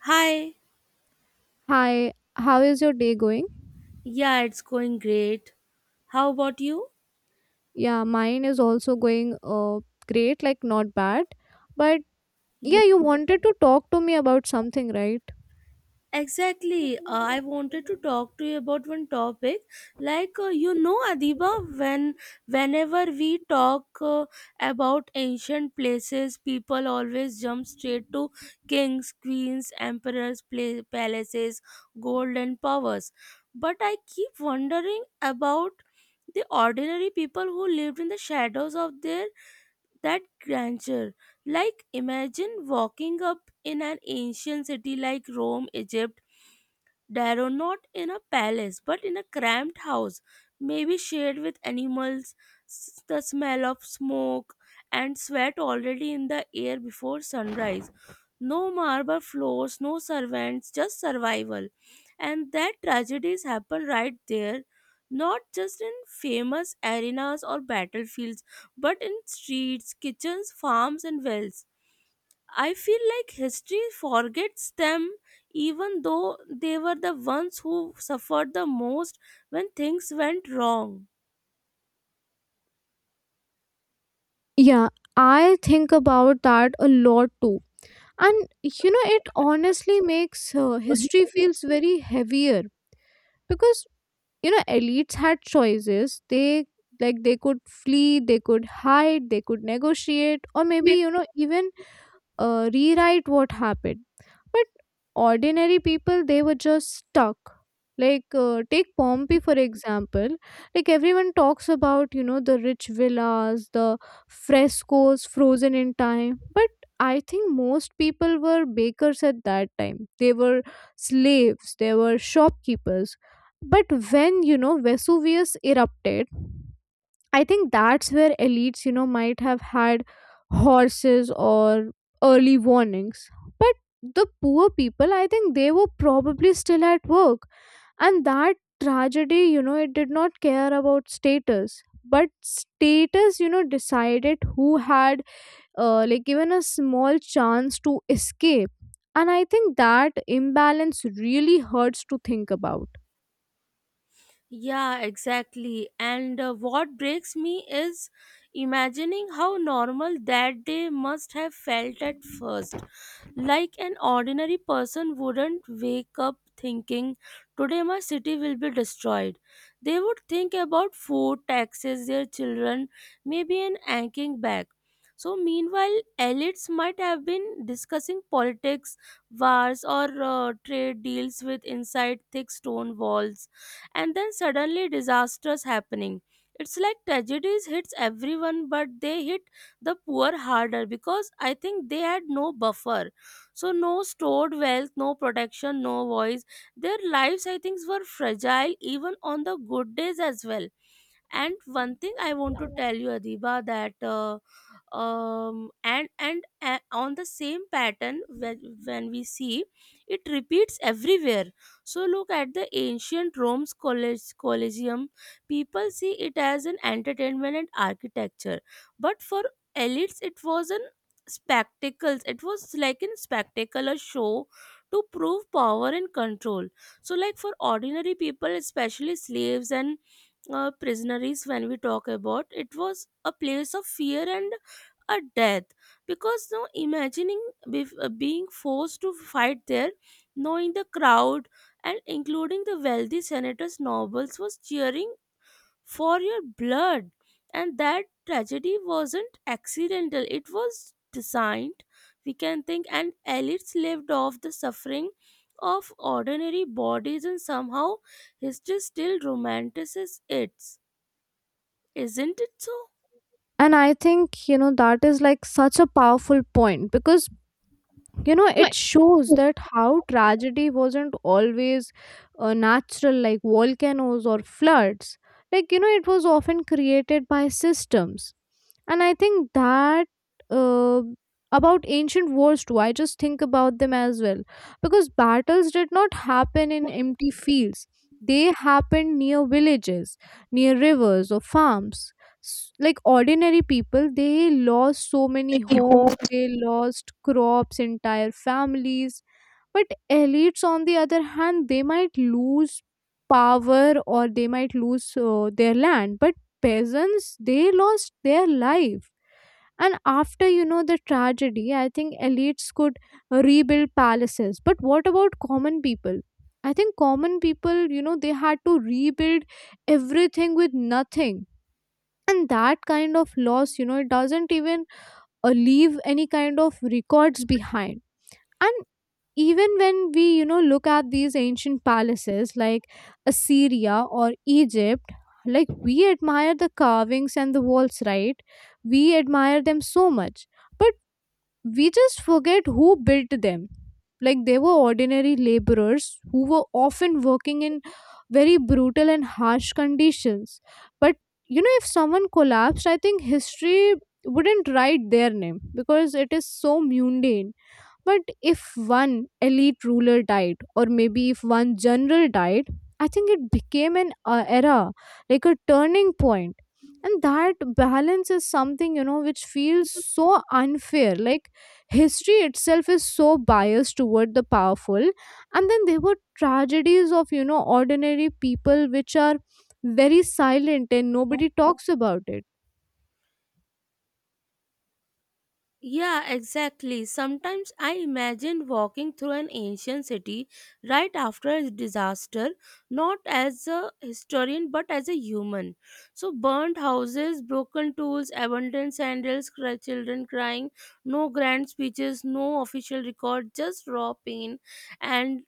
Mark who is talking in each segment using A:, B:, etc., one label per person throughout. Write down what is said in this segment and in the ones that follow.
A: Hi,
B: Hi, how is your day going?
A: yeah, it's going great. How about you?
B: Yeah, mine is also going great, like not bad. But
A: Yeah,
B: yeah, you wanted to talk to me about something, right?
A: exactly. I wanted to talk to you about one topic. Adiba, when whenever we talk about ancient places, people always jump straight to kings, queens, emperors, pla palaces, gold and powers. But I keep wondering about the ordinary people who lived in the shadows of their that grandeur. Imagine walking up in an ancient city like Rome, Egypt Darrow, not in a palace but in a cramped house, maybe shared with animals, the smell of smoke and sweat already in the air before sunrise. No marble floors, no servants, just survival. And that tragedies happen right there, not just in famous arenas or battlefields, but in streets, kitchens, farms, and wells. I feel like history forgets them even though they were the ones who suffered the most when things went wrong.
B: Yeah, I think about that a lot too. And it honestly makes history feels very heavier because elites had choices. They like they could flee, they could hide, they could negotiate, or maybe even rewrite what happened, but ordinary people they were just stuck, like take Pompeii for example. Like everyone talks about the rich villas, the frescoes frozen in time, but I think most people were bakers at that time, they were slaves, they were shopkeepers. But when Vesuvius erupted, I think that's where elites, might have had horses or early warnings. But the poor people, I think they were probably still at work. And that tragedy, it did not care about status. But status, decided who had, like, given a small chance to escape. And I think that imbalance really hurts to think about.
A: Yeah, exactly. And what breaks me is imagining how normal that day must have felt at first. Like an ordinary person wouldn't wake up thinking, today my city will be destroyed. They would think about food, taxes, their children, maybe an aching back. So, meanwhile, elites might have been discussing politics, wars, or trade deals with inside thick stone walls, and then suddenly disasters happening. It's like tragedies hits everyone, but they hit the poor harder because I think they had no buffer. So no stored wealth, no protection, no voice. Their lives, I think, were fragile even on the good days as well. And one thing I want to tell you, Adiba, that and on the same pattern when we see it repeats everywhere. So look at the ancient Rome's college Colosseum. People see it as an entertainment and architecture, but for elites it was an spectacles it was like a spectacle or show to prove power and control. So like for ordinary people, especially slaves and prisoners, when we talk about it was a place of fear and a death, because no imagining being forced to fight there, knowing the crowd, and including the wealthy senators nobles was cheering for your blood. And that tragedy wasn't accidental, it was designed, we can think, and elites lived off the suffering of ordinary bodies, and somehow history still romanticizes it, isn't it so?
B: And I think, that is like such a powerful point, because it shows that how tragedy wasn't always natural, like volcanoes or floods. Like it was often created by systems. And I think that uh, about ancient wars too, I just think about them as well, because battles did not happen in empty fields, they happened near villages, near rivers or farms. Like ordinary people, they lost so many
A: I
B: homes,
A: hope
B: they lost crops, entire families. But elites on the other hand, they might lose power, or they might lose their land, but peasants, they lost their life. And after the tragedy, I think elites could rebuild palaces, but what about common people? I think common people, they had to rebuild everything with nothing. And that kind of loss, it doesn't even leave any kind of records behind. And even when we look at these ancient palaces like Assyria or Egypt, like we admire the carvings and the walls, right? We admire them so much. But we just forget who built them. Like they were ordinary laborers who were often working in very brutal and harsh conditions. But if someone collapsed, I think history wouldn't write their name because it is so mundane. But if one elite ruler died, or maybe if one general died, I think it became an era, like a turning point. And that balance is something, which feels so unfair. Like history itself is so biased toward the powerful. And then there were tragedies of, ordinary people which are very silent and
A: so.
B: nobody talks about it.
A: Yeah, exactly. Sometimes I imagine walking through an ancient city right after a disaster, not as a historian but as a human. So, burnt houses, broken tools, abandoned sandals, children crying, no grand speeches, no official record, just raw pain. And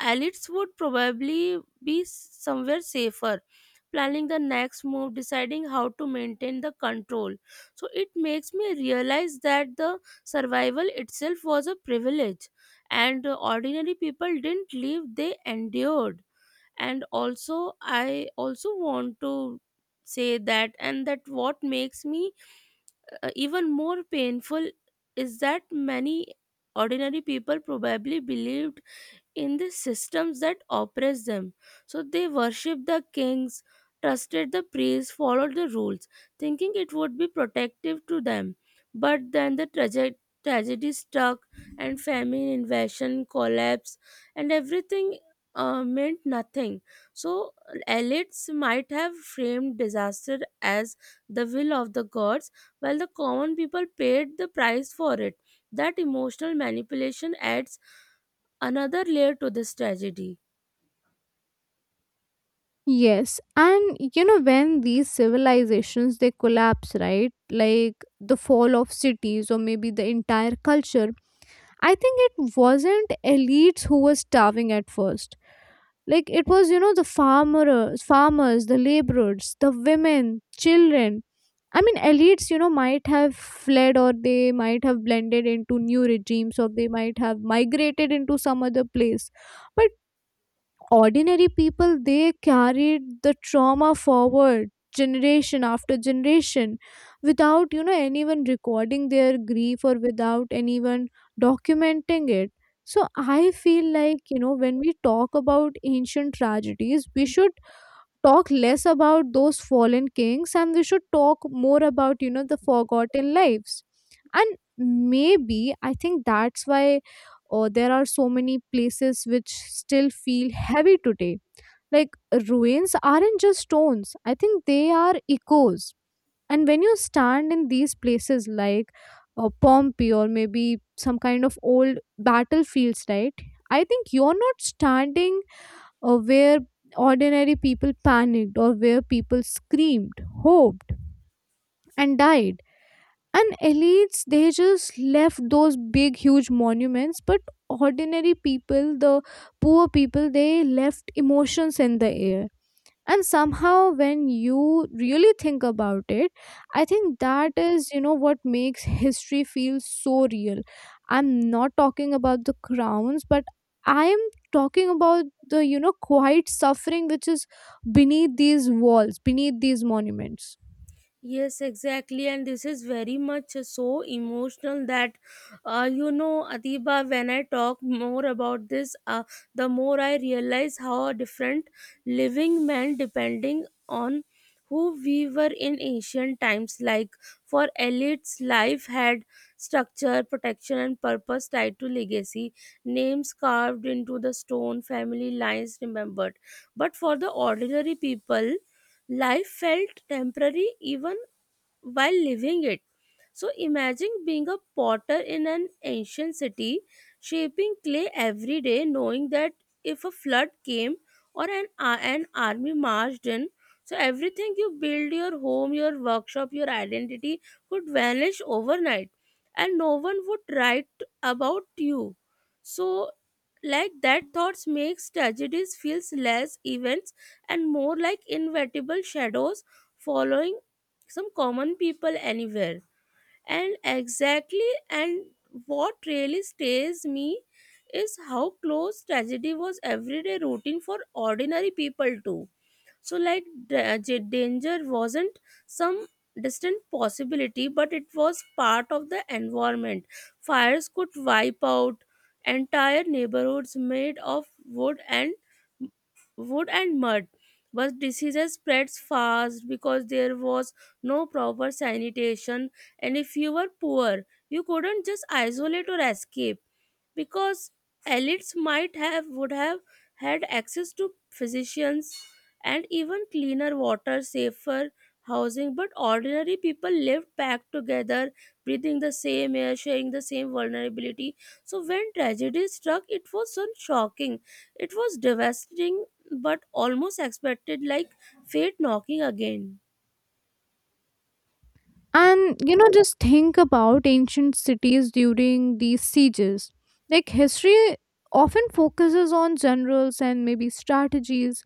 A: elites would probably be somewhere safer planning the next move, deciding how to maintain the control. So it makes me realize that the survival itself was a privilege, and ordinary people didn't live, they endured. And also, I also want to say that, and that what makes me even more painful is that many ordinary people probably believed in the systems that oppress them. So they worshiped the kings, trusted the priests, followed the rules, thinking it would be protective to them. But then the tragedy struck, and famine, invasion, collapse, and everything meant nothing. So elites might have framed disaster as the will of the gods, while the common people paid the price for it. That emotional manipulation adds another layer to this tragedy.
B: Yes, and when these civilizations they collapse, right? Like the fall of cities, or maybe the entire culture. I think it wasn't elites who were starving at first. Like it was, the farmers, the laborers, the women, children. I mean, elites, might have fled, or they might have blended into new regimes, or they might have migrated into some other place. But ordinary people, they carried the trauma forward, generation after generation, without anyone recording their grief, or without anyone documenting it. So I feel like when we talk about ancient tragedies, we should talk less about those fallen kings, and we should talk more about the forgotten lives. And maybe, I think that's why there are so many places which still feel heavy today. Like ruins aren't just stones, I think they are echoes. And when you stand in these places, like Pompeii or maybe some kind of old battlefields, right? I think you're not standing where ordinary people panicked, or where people screamed, hoped, and died. And elites, they just left those big huge monuments, but ordinary people, the poor people, they left emotions in the air. And somehow, when you really think about it, I think that is what makes history feel so real. I'm not talking about the crowns, but I am talking about the quiet suffering which is beneath these walls, beneath these monuments.
A: Yes, exactly, and this is very much so emotional that, Adiba, when I talk more about this, the more I realize how different living men depending on who we were in ancient times. Like for elites, life had structure, protection and purpose tied to legacy, names carved into the stone, family lines remembered. But for the ordinary people, life felt temporary even while living it. So imagine being a potter in an ancient city, shaping clay every day, knowing that if a flood came or an army marched in, so everything you build, your home, your workshop, your identity could vanish overnight, and no one would write about you. So like that thoughts makes tragedies feels less events and more like inevitable shadows following some common people anywhere. And exactly, and what really stays me is how close tragedy was everyday routine for ordinary people too. So, danger wasn't some distant possibility, but it was part of the environment. Fires could wipe out entire neighborhoods made of wood and mud. But diseases spreads fast because there was no proper sanitation, and if you were poor, you couldn't just isolate or escape, because elites might have would have had access to physicians and even cleaner water, safer housing. But ordinary people lived packed together, breathing the same air, sharing the same vulnerability. So when tragedy struck, it was so shocking, it was devastating, but almost expected, like fate knocking again.
B: And just think about ancient cities during these sieges. Like history often focuses on generals and maybe strategies.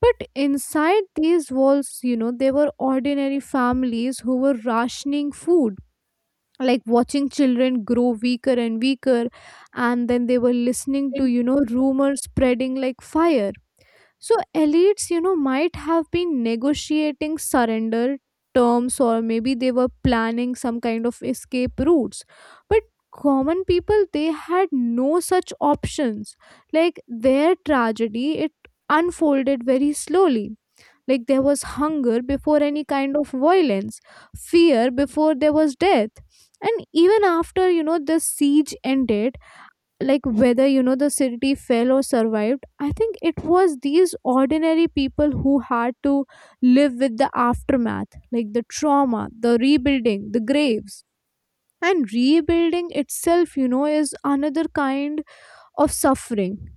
B: But inside these walls, there were ordinary families who were rationing food, like watching children grow weaker and weaker. And then they were listening to, rumors spreading like fire. So elites, might have been negotiating surrender terms, or maybe they were planning some kind of escape routes. But common people, they had no such options. Like their tragedy, it unfolded very slowly. Like there was hunger before any kind of violence, fear before there was death. And even after, the siege ended, like whether, the city fell or survived, I think it was these ordinary people who had to live with the aftermath, like the trauma, the rebuilding, the graves. And rebuilding itself, is another kind of suffering.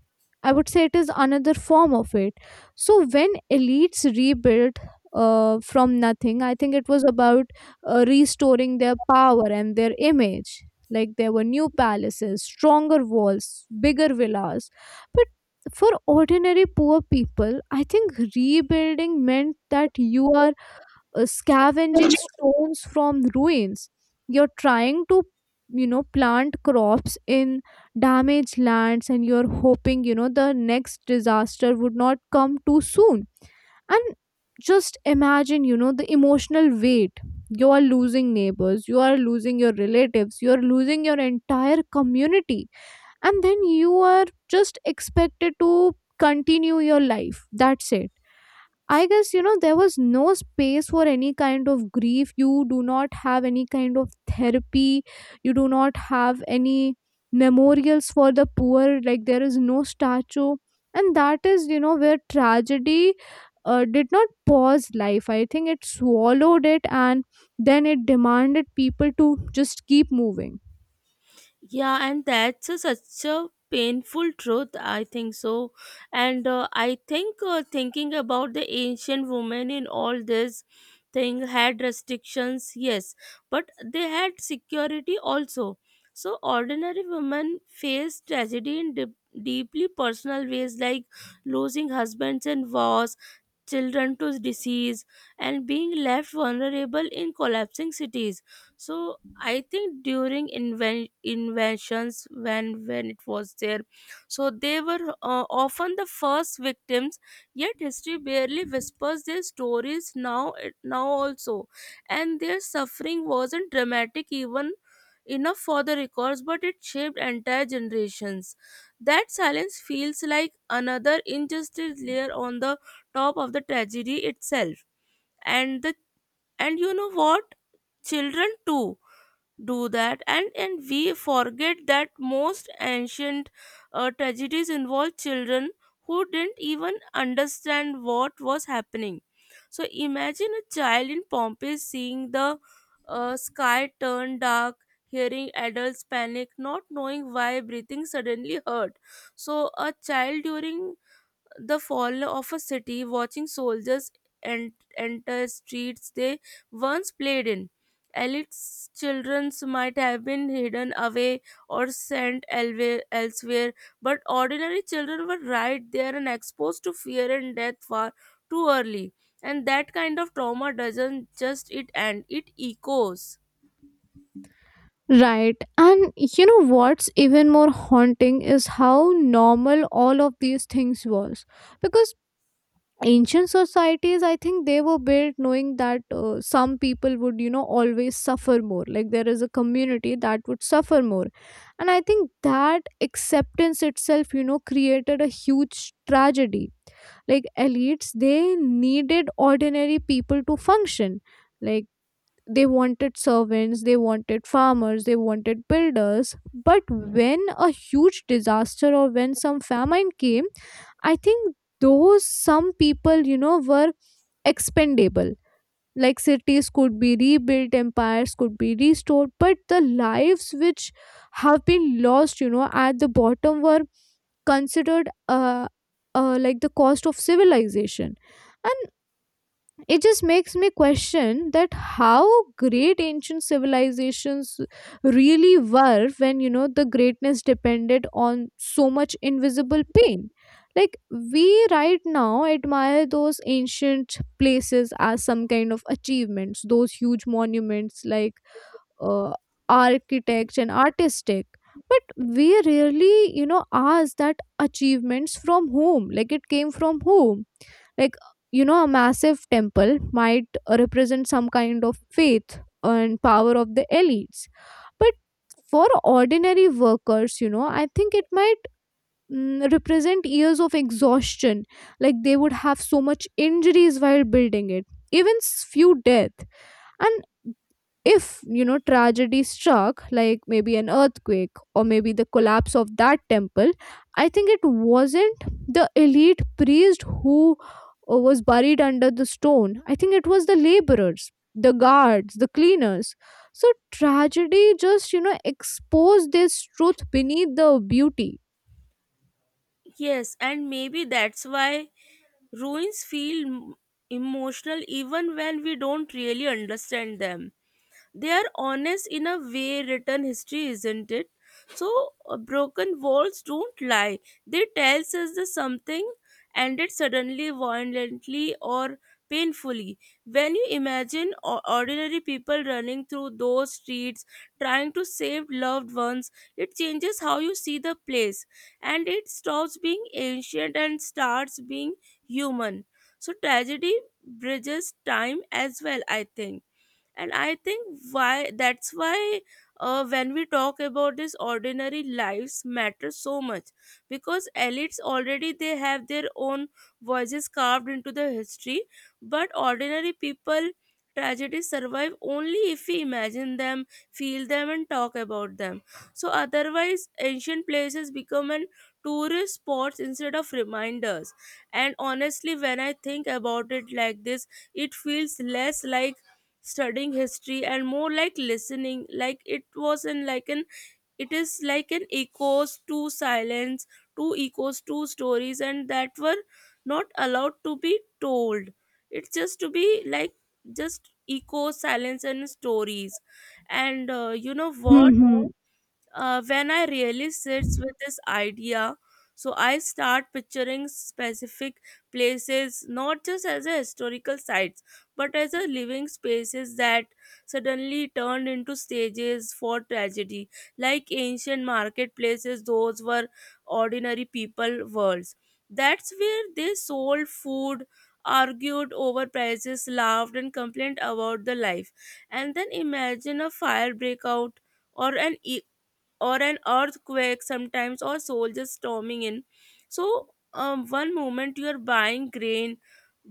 B: I would say it is another form of it. So when elites rebuilt from nothing, I think it was about restoring their power and their image. Like there were new palaces, stronger walls, bigger villas. But for ordinary poor people, I think rebuilding meant that you are scavenging stones from ruins, you're trying to plant crops in damaged lands, and you're hoping the next disaster would not come too soon. And just imagine the emotional weight, you are losing neighbors, you are losing your relatives, you are losing your entire community, and then you are just expected to continue your life, that's it. I guess, there was no space for any kind of grief. You do not have any kind of therapy. You do not have any memorials for the poor. Like, there is no statue. And that is, where tragedy did not pause life. I think it swallowed it, and then it demanded people to just keep moving.
A: Yeah, and that's a, such a painful truth, I think so. And I think thinking about the ancient women in all this thing had restrictions, yes, but they had security also. So, ordinary women faced tragedy in deeply personal ways, like losing husbands and wars, children to disease, and being left vulnerable in collapsing cities. So I think during inventions, when it was there, so they were often the first victims, yet history barely whispers their stories now, now also. And their suffering wasn't dramatic even enough for the records, but it shaped entire generations. That silence feels like another injustice layer on the top of the tragedy itself. And the and you know what, children too do that. And we forget that most ancient tragedies involve children who didn't even understand what was happening. So imagine a child in Pompeii seeing the sky turn dark, hearing adults panic, not knowing why, breathing suddenly hurt. So a child during the fall of a city watching soldiers enter streets they once played in. Elite's children might have been hidden away or sent elsewhere, but ordinary children were right there and exposed to fear and death far too early. And that kind of trauma doesn't just it end, it echoes.
B: Right. And you know what's even more haunting is how normal all of these things was, because ancient societies, I think they were built knowing that some people would always suffer more. Like there is a community that would suffer more. And I think that acceptance itself created a huge tragedy. Like elites, they needed ordinary people to function. Like they wanted servants, they wanted farmers, they wanted builders. But when a huge disaster, or when some famine came, I think those some people, were expendable. Like cities could be rebuilt, empires could be restored, but the lives which have been lost, at the bottom were considered like the cost of civilization. And it just makes me question that how great ancient civilizations really were, when the greatness depended on so much invisible pain. Like we right now admire those ancient places as some kind of achievements, those huge monuments, like uh, architects and artistic. But we rarely ask that achievements from whom, like it came from whom. Like a massive temple might represent some kind of faith and power of the elites. But for ordinary workers, I think it might represent years of exhaustion. Like they would have so much injuries while building it, even few death. And if tragedy struck, like maybe an earthquake, or maybe the collapse of that temple, I think it wasn't the elite priest who was buried under the stone. I think it was the laborers, the guards, the cleaners. So tragedy just exposed this truth beneath the beauty.
A: Yes, and maybe that's why ruins feel emotional even when we don't really understand them. They are honest in a way written history isn't it. So broken walls don't lie, they tells us the something ended suddenly, violently or painfully. When you imagine ordinary people running through those streets trying to save loved ones, it changes how you see the place, and it stops being ancient and starts being human. So tragedy bridges time as well, I think. And I think why that's why when we talk about this, ordinary lives matter so much, because elites already they have their own voices carved into the history, but ordinary people tragedies survive only if we imagine them, feel them and talk about them. So otherwise ancient places become an tourist spots instead of reminders. And honestly, when I think about it like this, it feels less like studying history and more like listening, like it was in like an it is like an echoes to silence, two echoes to stories and that were not allowed to be told. It's just to be like just echo silence and stories. And you know what,
B: Hmm.
A: when I really sits with this idea, so I start picturing specific places not just as a historical sites, but as a living spaces that suddenly turned into stages for tragedy, like ancient marketplaces. Those were ordinary people worlds. That's where they sold food, argued over prices, laughed, and complained about the life. And then imagine a fire breakout or an e- or an earthquake sometimes or soldiers storming in. So one moment you are buying grain,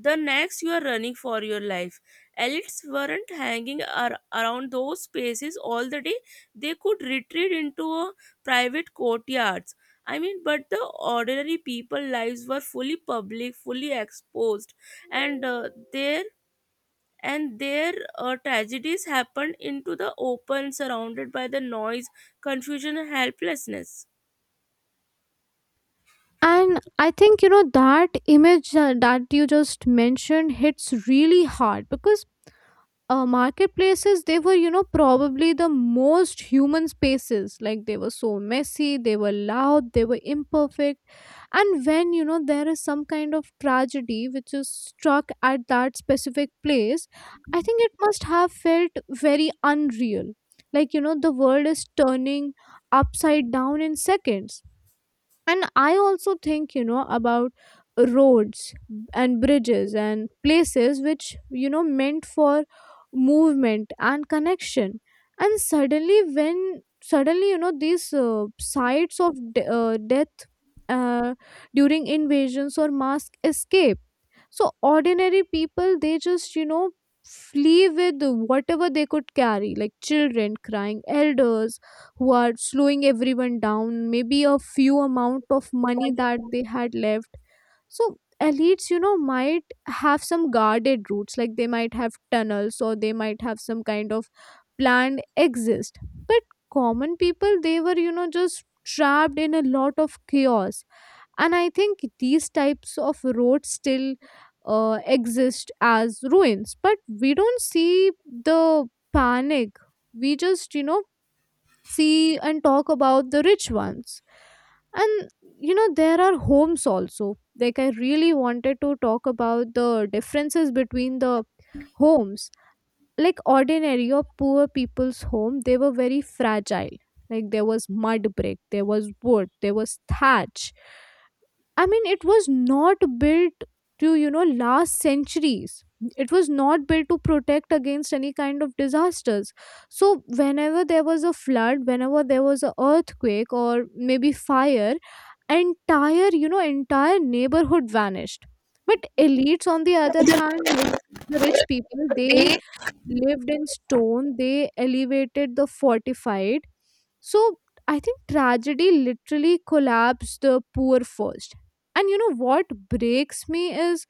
A: the next you are running for your life. Elites weren't hanging around those spaces all the day, they could retreat into a private courtyards, I mean. But the ordinary people lives were fully public, fully exposed, and their tragedies happened into the open, surrounded by the noise, confusion and helplessness.
B: And I think, that image that you just mentioned hits really hard, because marketplaces they were probably the most human spaces. Like they were so messy, they were loud, they were imperfect. And when there is some kind of tragedy which is struck at that specific place, I think it must have felt very unreal. Like the world is turning upside down in seconds. And I also think about roads and bridges and places which meant for movement and connection. And suddenly, these sites of death uh, during invasions or mass escape. So ordinary people, they just flee with whatever they could carry, like children crying, elders who are slowing everyone down, maybe a few amount of money that they had left. So elites, might have some guarded routes, like they might have tunnels, or they might have some kind of planned exist. But common people, they were just trapped in a Lot of chaos. And I think these types of roads still exist as ruins, but we don't see the panic. We just, see and talk about the rich ones. And you know, there are homes also. Like, I really wanted to talk about the differences between the homes. Like, ordinary or poor people's home, they were very fragile. Like, there was mud brick, there was wood, there was thatch. I mean, it was not built to, last centuries. It was not built to protect against any kind of disasters. So whenever there was a flood, whenever there was an earthquake or maybe fire, entire, entire neighborhood vanished. But elites, on the other hand, like the rich people, they
A: they
B: lived in stone, they elevated, the fortified. So I think tragedy literally collapsed the poor first. And you know what breaks me is,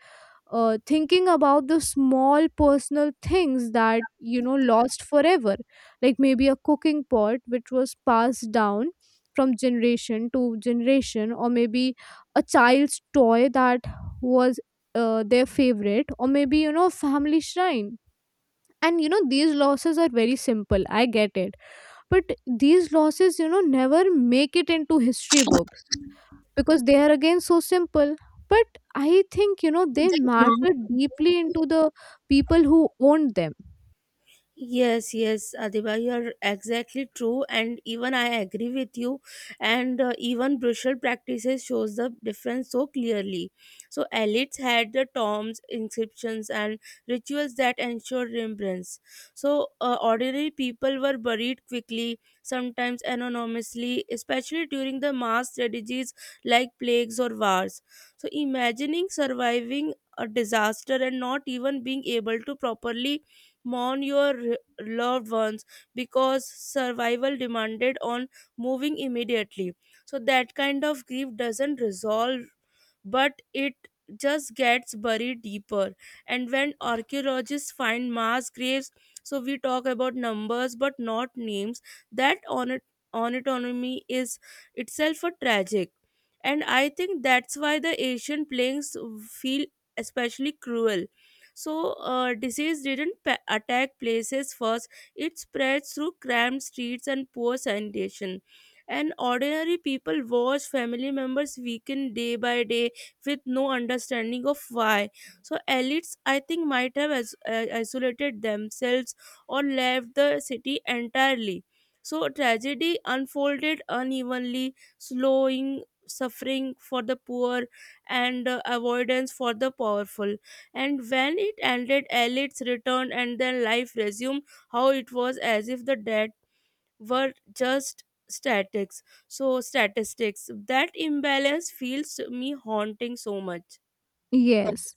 B: thinking about the small personal things that, you know, lost forever. Like, maybe a cooking pot which was passed down from generation to generation, or maybe a child's toy that was, their favorite, or maybe, you know, a family shrine. And you know, these losses are very simple, I get it. But these losses, you know, never make it into history books, because they are, again, so simple. But I think, you know, they
A: they want.
B: matter deeply into the people who owned them.
A: Yes, yes, Adiba, you are exactly true, and even I agree with you. And even brutal practices shows the difference so clearly. So elites had the tombs, inscriptions, and rituals that ensure remembrance. So ordinary people were buried quickly, sometimes anonymously, especially during the mass tragedies like plagues or wars. So imagining surviving a disaster and not even being able to properly mourn your loved ones because survival demanded on moving immediately, so that kind of grief doesn't resolve, but it just gets buried deeper. And when archaeologists find mass graves, so we talk about numbers but not names, that on autonomy is itself a tragic. And I think that's why the Asian plagues feel especially cruel. So, disease didn't attack places first, it spread through cramped streets and poor sanitation. And ordinary people watch family members weaken day by day with no understanding of why. So elites, I think, might have isolated themselves or left the city entirely. So tragedy unfolded unevenly, slowing suffering for the poor and avoidance for the powerful. And when it ended, elites returned and then life resumed how it was, as if the dead were just statics. So statistics. That imbalance feels me haunting so much.
B: Yes,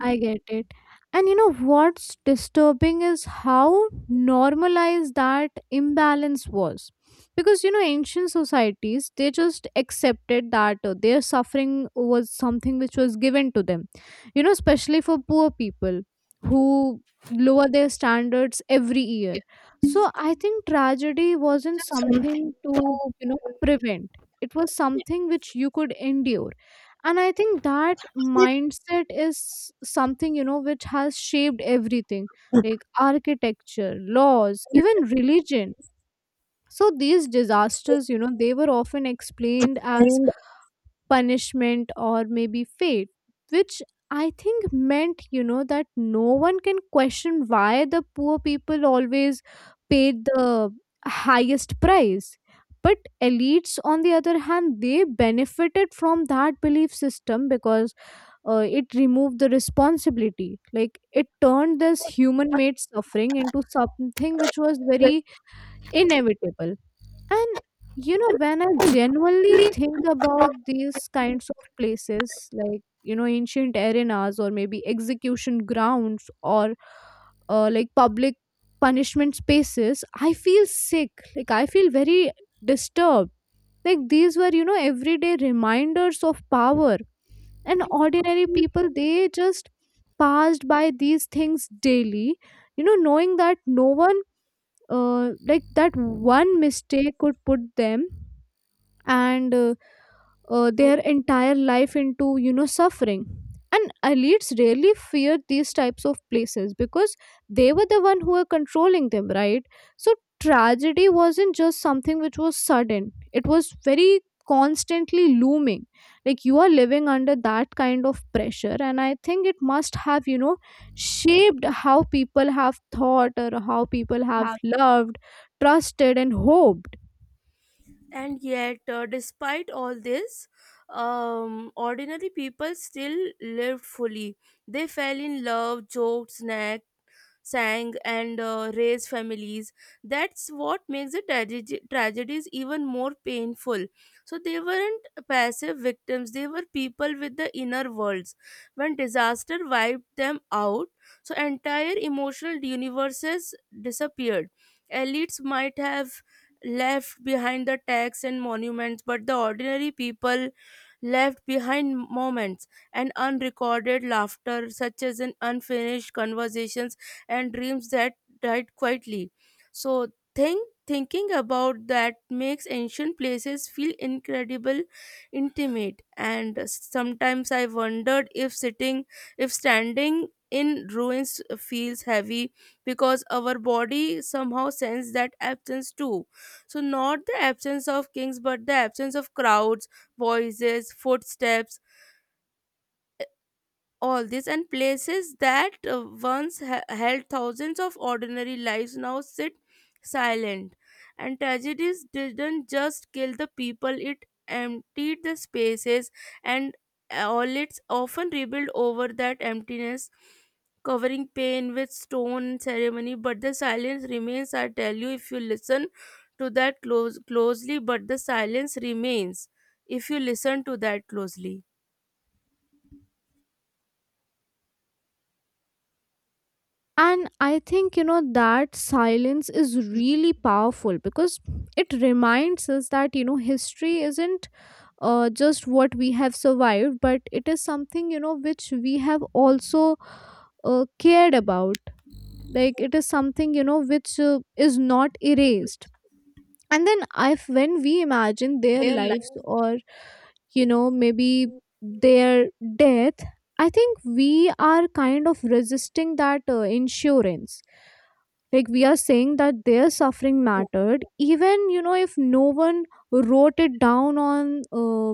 B: I get it. And you know what's disturbing is how normalized that imbalance was. Because you know, ancient societies, they just accepted that their suffering was something which was given to them, you know, especially for poor people who lower their standards every year. So I think tragedy wasn't
A: Something
B: something
A: to
B: to, you know, prevent, it was something which you could endure. And I think that
A: keep
B: mindset is something, you know, which has shaped everything, like architecture, laws, even religion. So these disasters, you know, they were often explained as
A: explained
B: punishment or maybe fate, which I think meant, you know, that no one can question why the poor people always paid the highest price. But elites, on the other hand, they benefited from that belief system, because it removed the responsibility. Like, it turned this human made suffering into something which was
A: with
B: very inevitable. And you know, when I genuinely think about these kinds of places, like, you know, ancient arenas, or maybe execution grounds, or like public punishment spaces, I feel sick. Like, I feel very disturbed. Like, these were, you know, everyday reminders of power. And ordinary
A: probably
B: people, they just passed by these things daily, you know, knowing that no one, like that one mistake could put them and their entire life into, you know, suffering. And elites really feared these types of places because they were the one who were controlling them, right? So tragedy wasn't just something which was sudden, it was very constantly looming. Like, you are living under that kind of pressure, and I think it must have, you know, shaped how people have thought, or how people have
A: have.
B: loved, trusted, and hoped.
A: And yet, despite all this, ordinary people still lived fully. They fell in love, joked, snacks, sang and raised families. That's what makes the tragedies even more painful. So they weren't passive victims, they were people with the inner worlds. When disaster wiped them out, so entire emotional universes disappeared. Elites might have left behind the tags and monuments, but the ordinary people left behind moments and unrecorded laughter, such as in unfinished conversations and dreams that died quietly. So, thinking about that makes ancient places feel incredible, intimate, and sometimes I wondered if standing in ruins feels heavy because our body somehow senses that absence too. So not the absence of kings but the absence of crowds, voices, footsteps, all this, and places that once held thousands of ordinary lives now sit silent. And tragedies didn't just kill the people, it emptied the spaces, and all its often rebuilt over that emptiness, covering pain with stone and ceremony, but the silence remains, I tell you, if you listen to that closely. But the silence remains if you listen to that closely,
B: And I think, you know, that silence is really powerful, because it reminds us that, you know, history isn't just what we have survived, but it is something, you know, which we have also cared about. Like, it is something, you know, which is not erased. And then if when we imagine their lives, or, you know, maybe their death, I think we are kind of resisting that insurance. Like, we are saying that their suffering mattered, even, you know, if no one wrote it down on,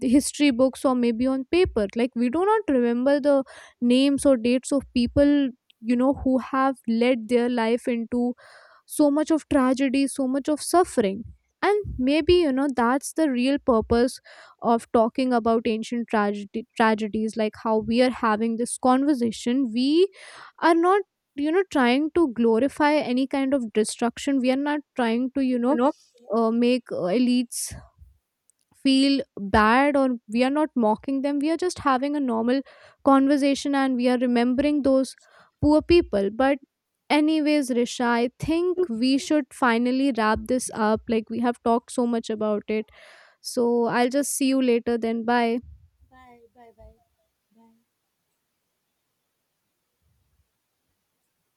B: the history books or maybe on paper. Like, we do not remember the names or dates of people, you know, who have led their life into so much of tragedy, so much of suffering. And maybe, you know, that's the real purpose of talking about ancient tragedy, tragedies, like how we are having this conversation. We are not, you know, trying to glorify any kind of destruction. We are not trying to, you
A: you
B: know,
A: know.
B: make elites feel bad, or we are not mocking them. We are just having a normal conversation, and we are remembering those poor people. But anyways, Risha, I think we should finally wrap this up. Like, we have talked so much about it. So I'll just see you later, then. Bye.
A: Bye, bye, bye.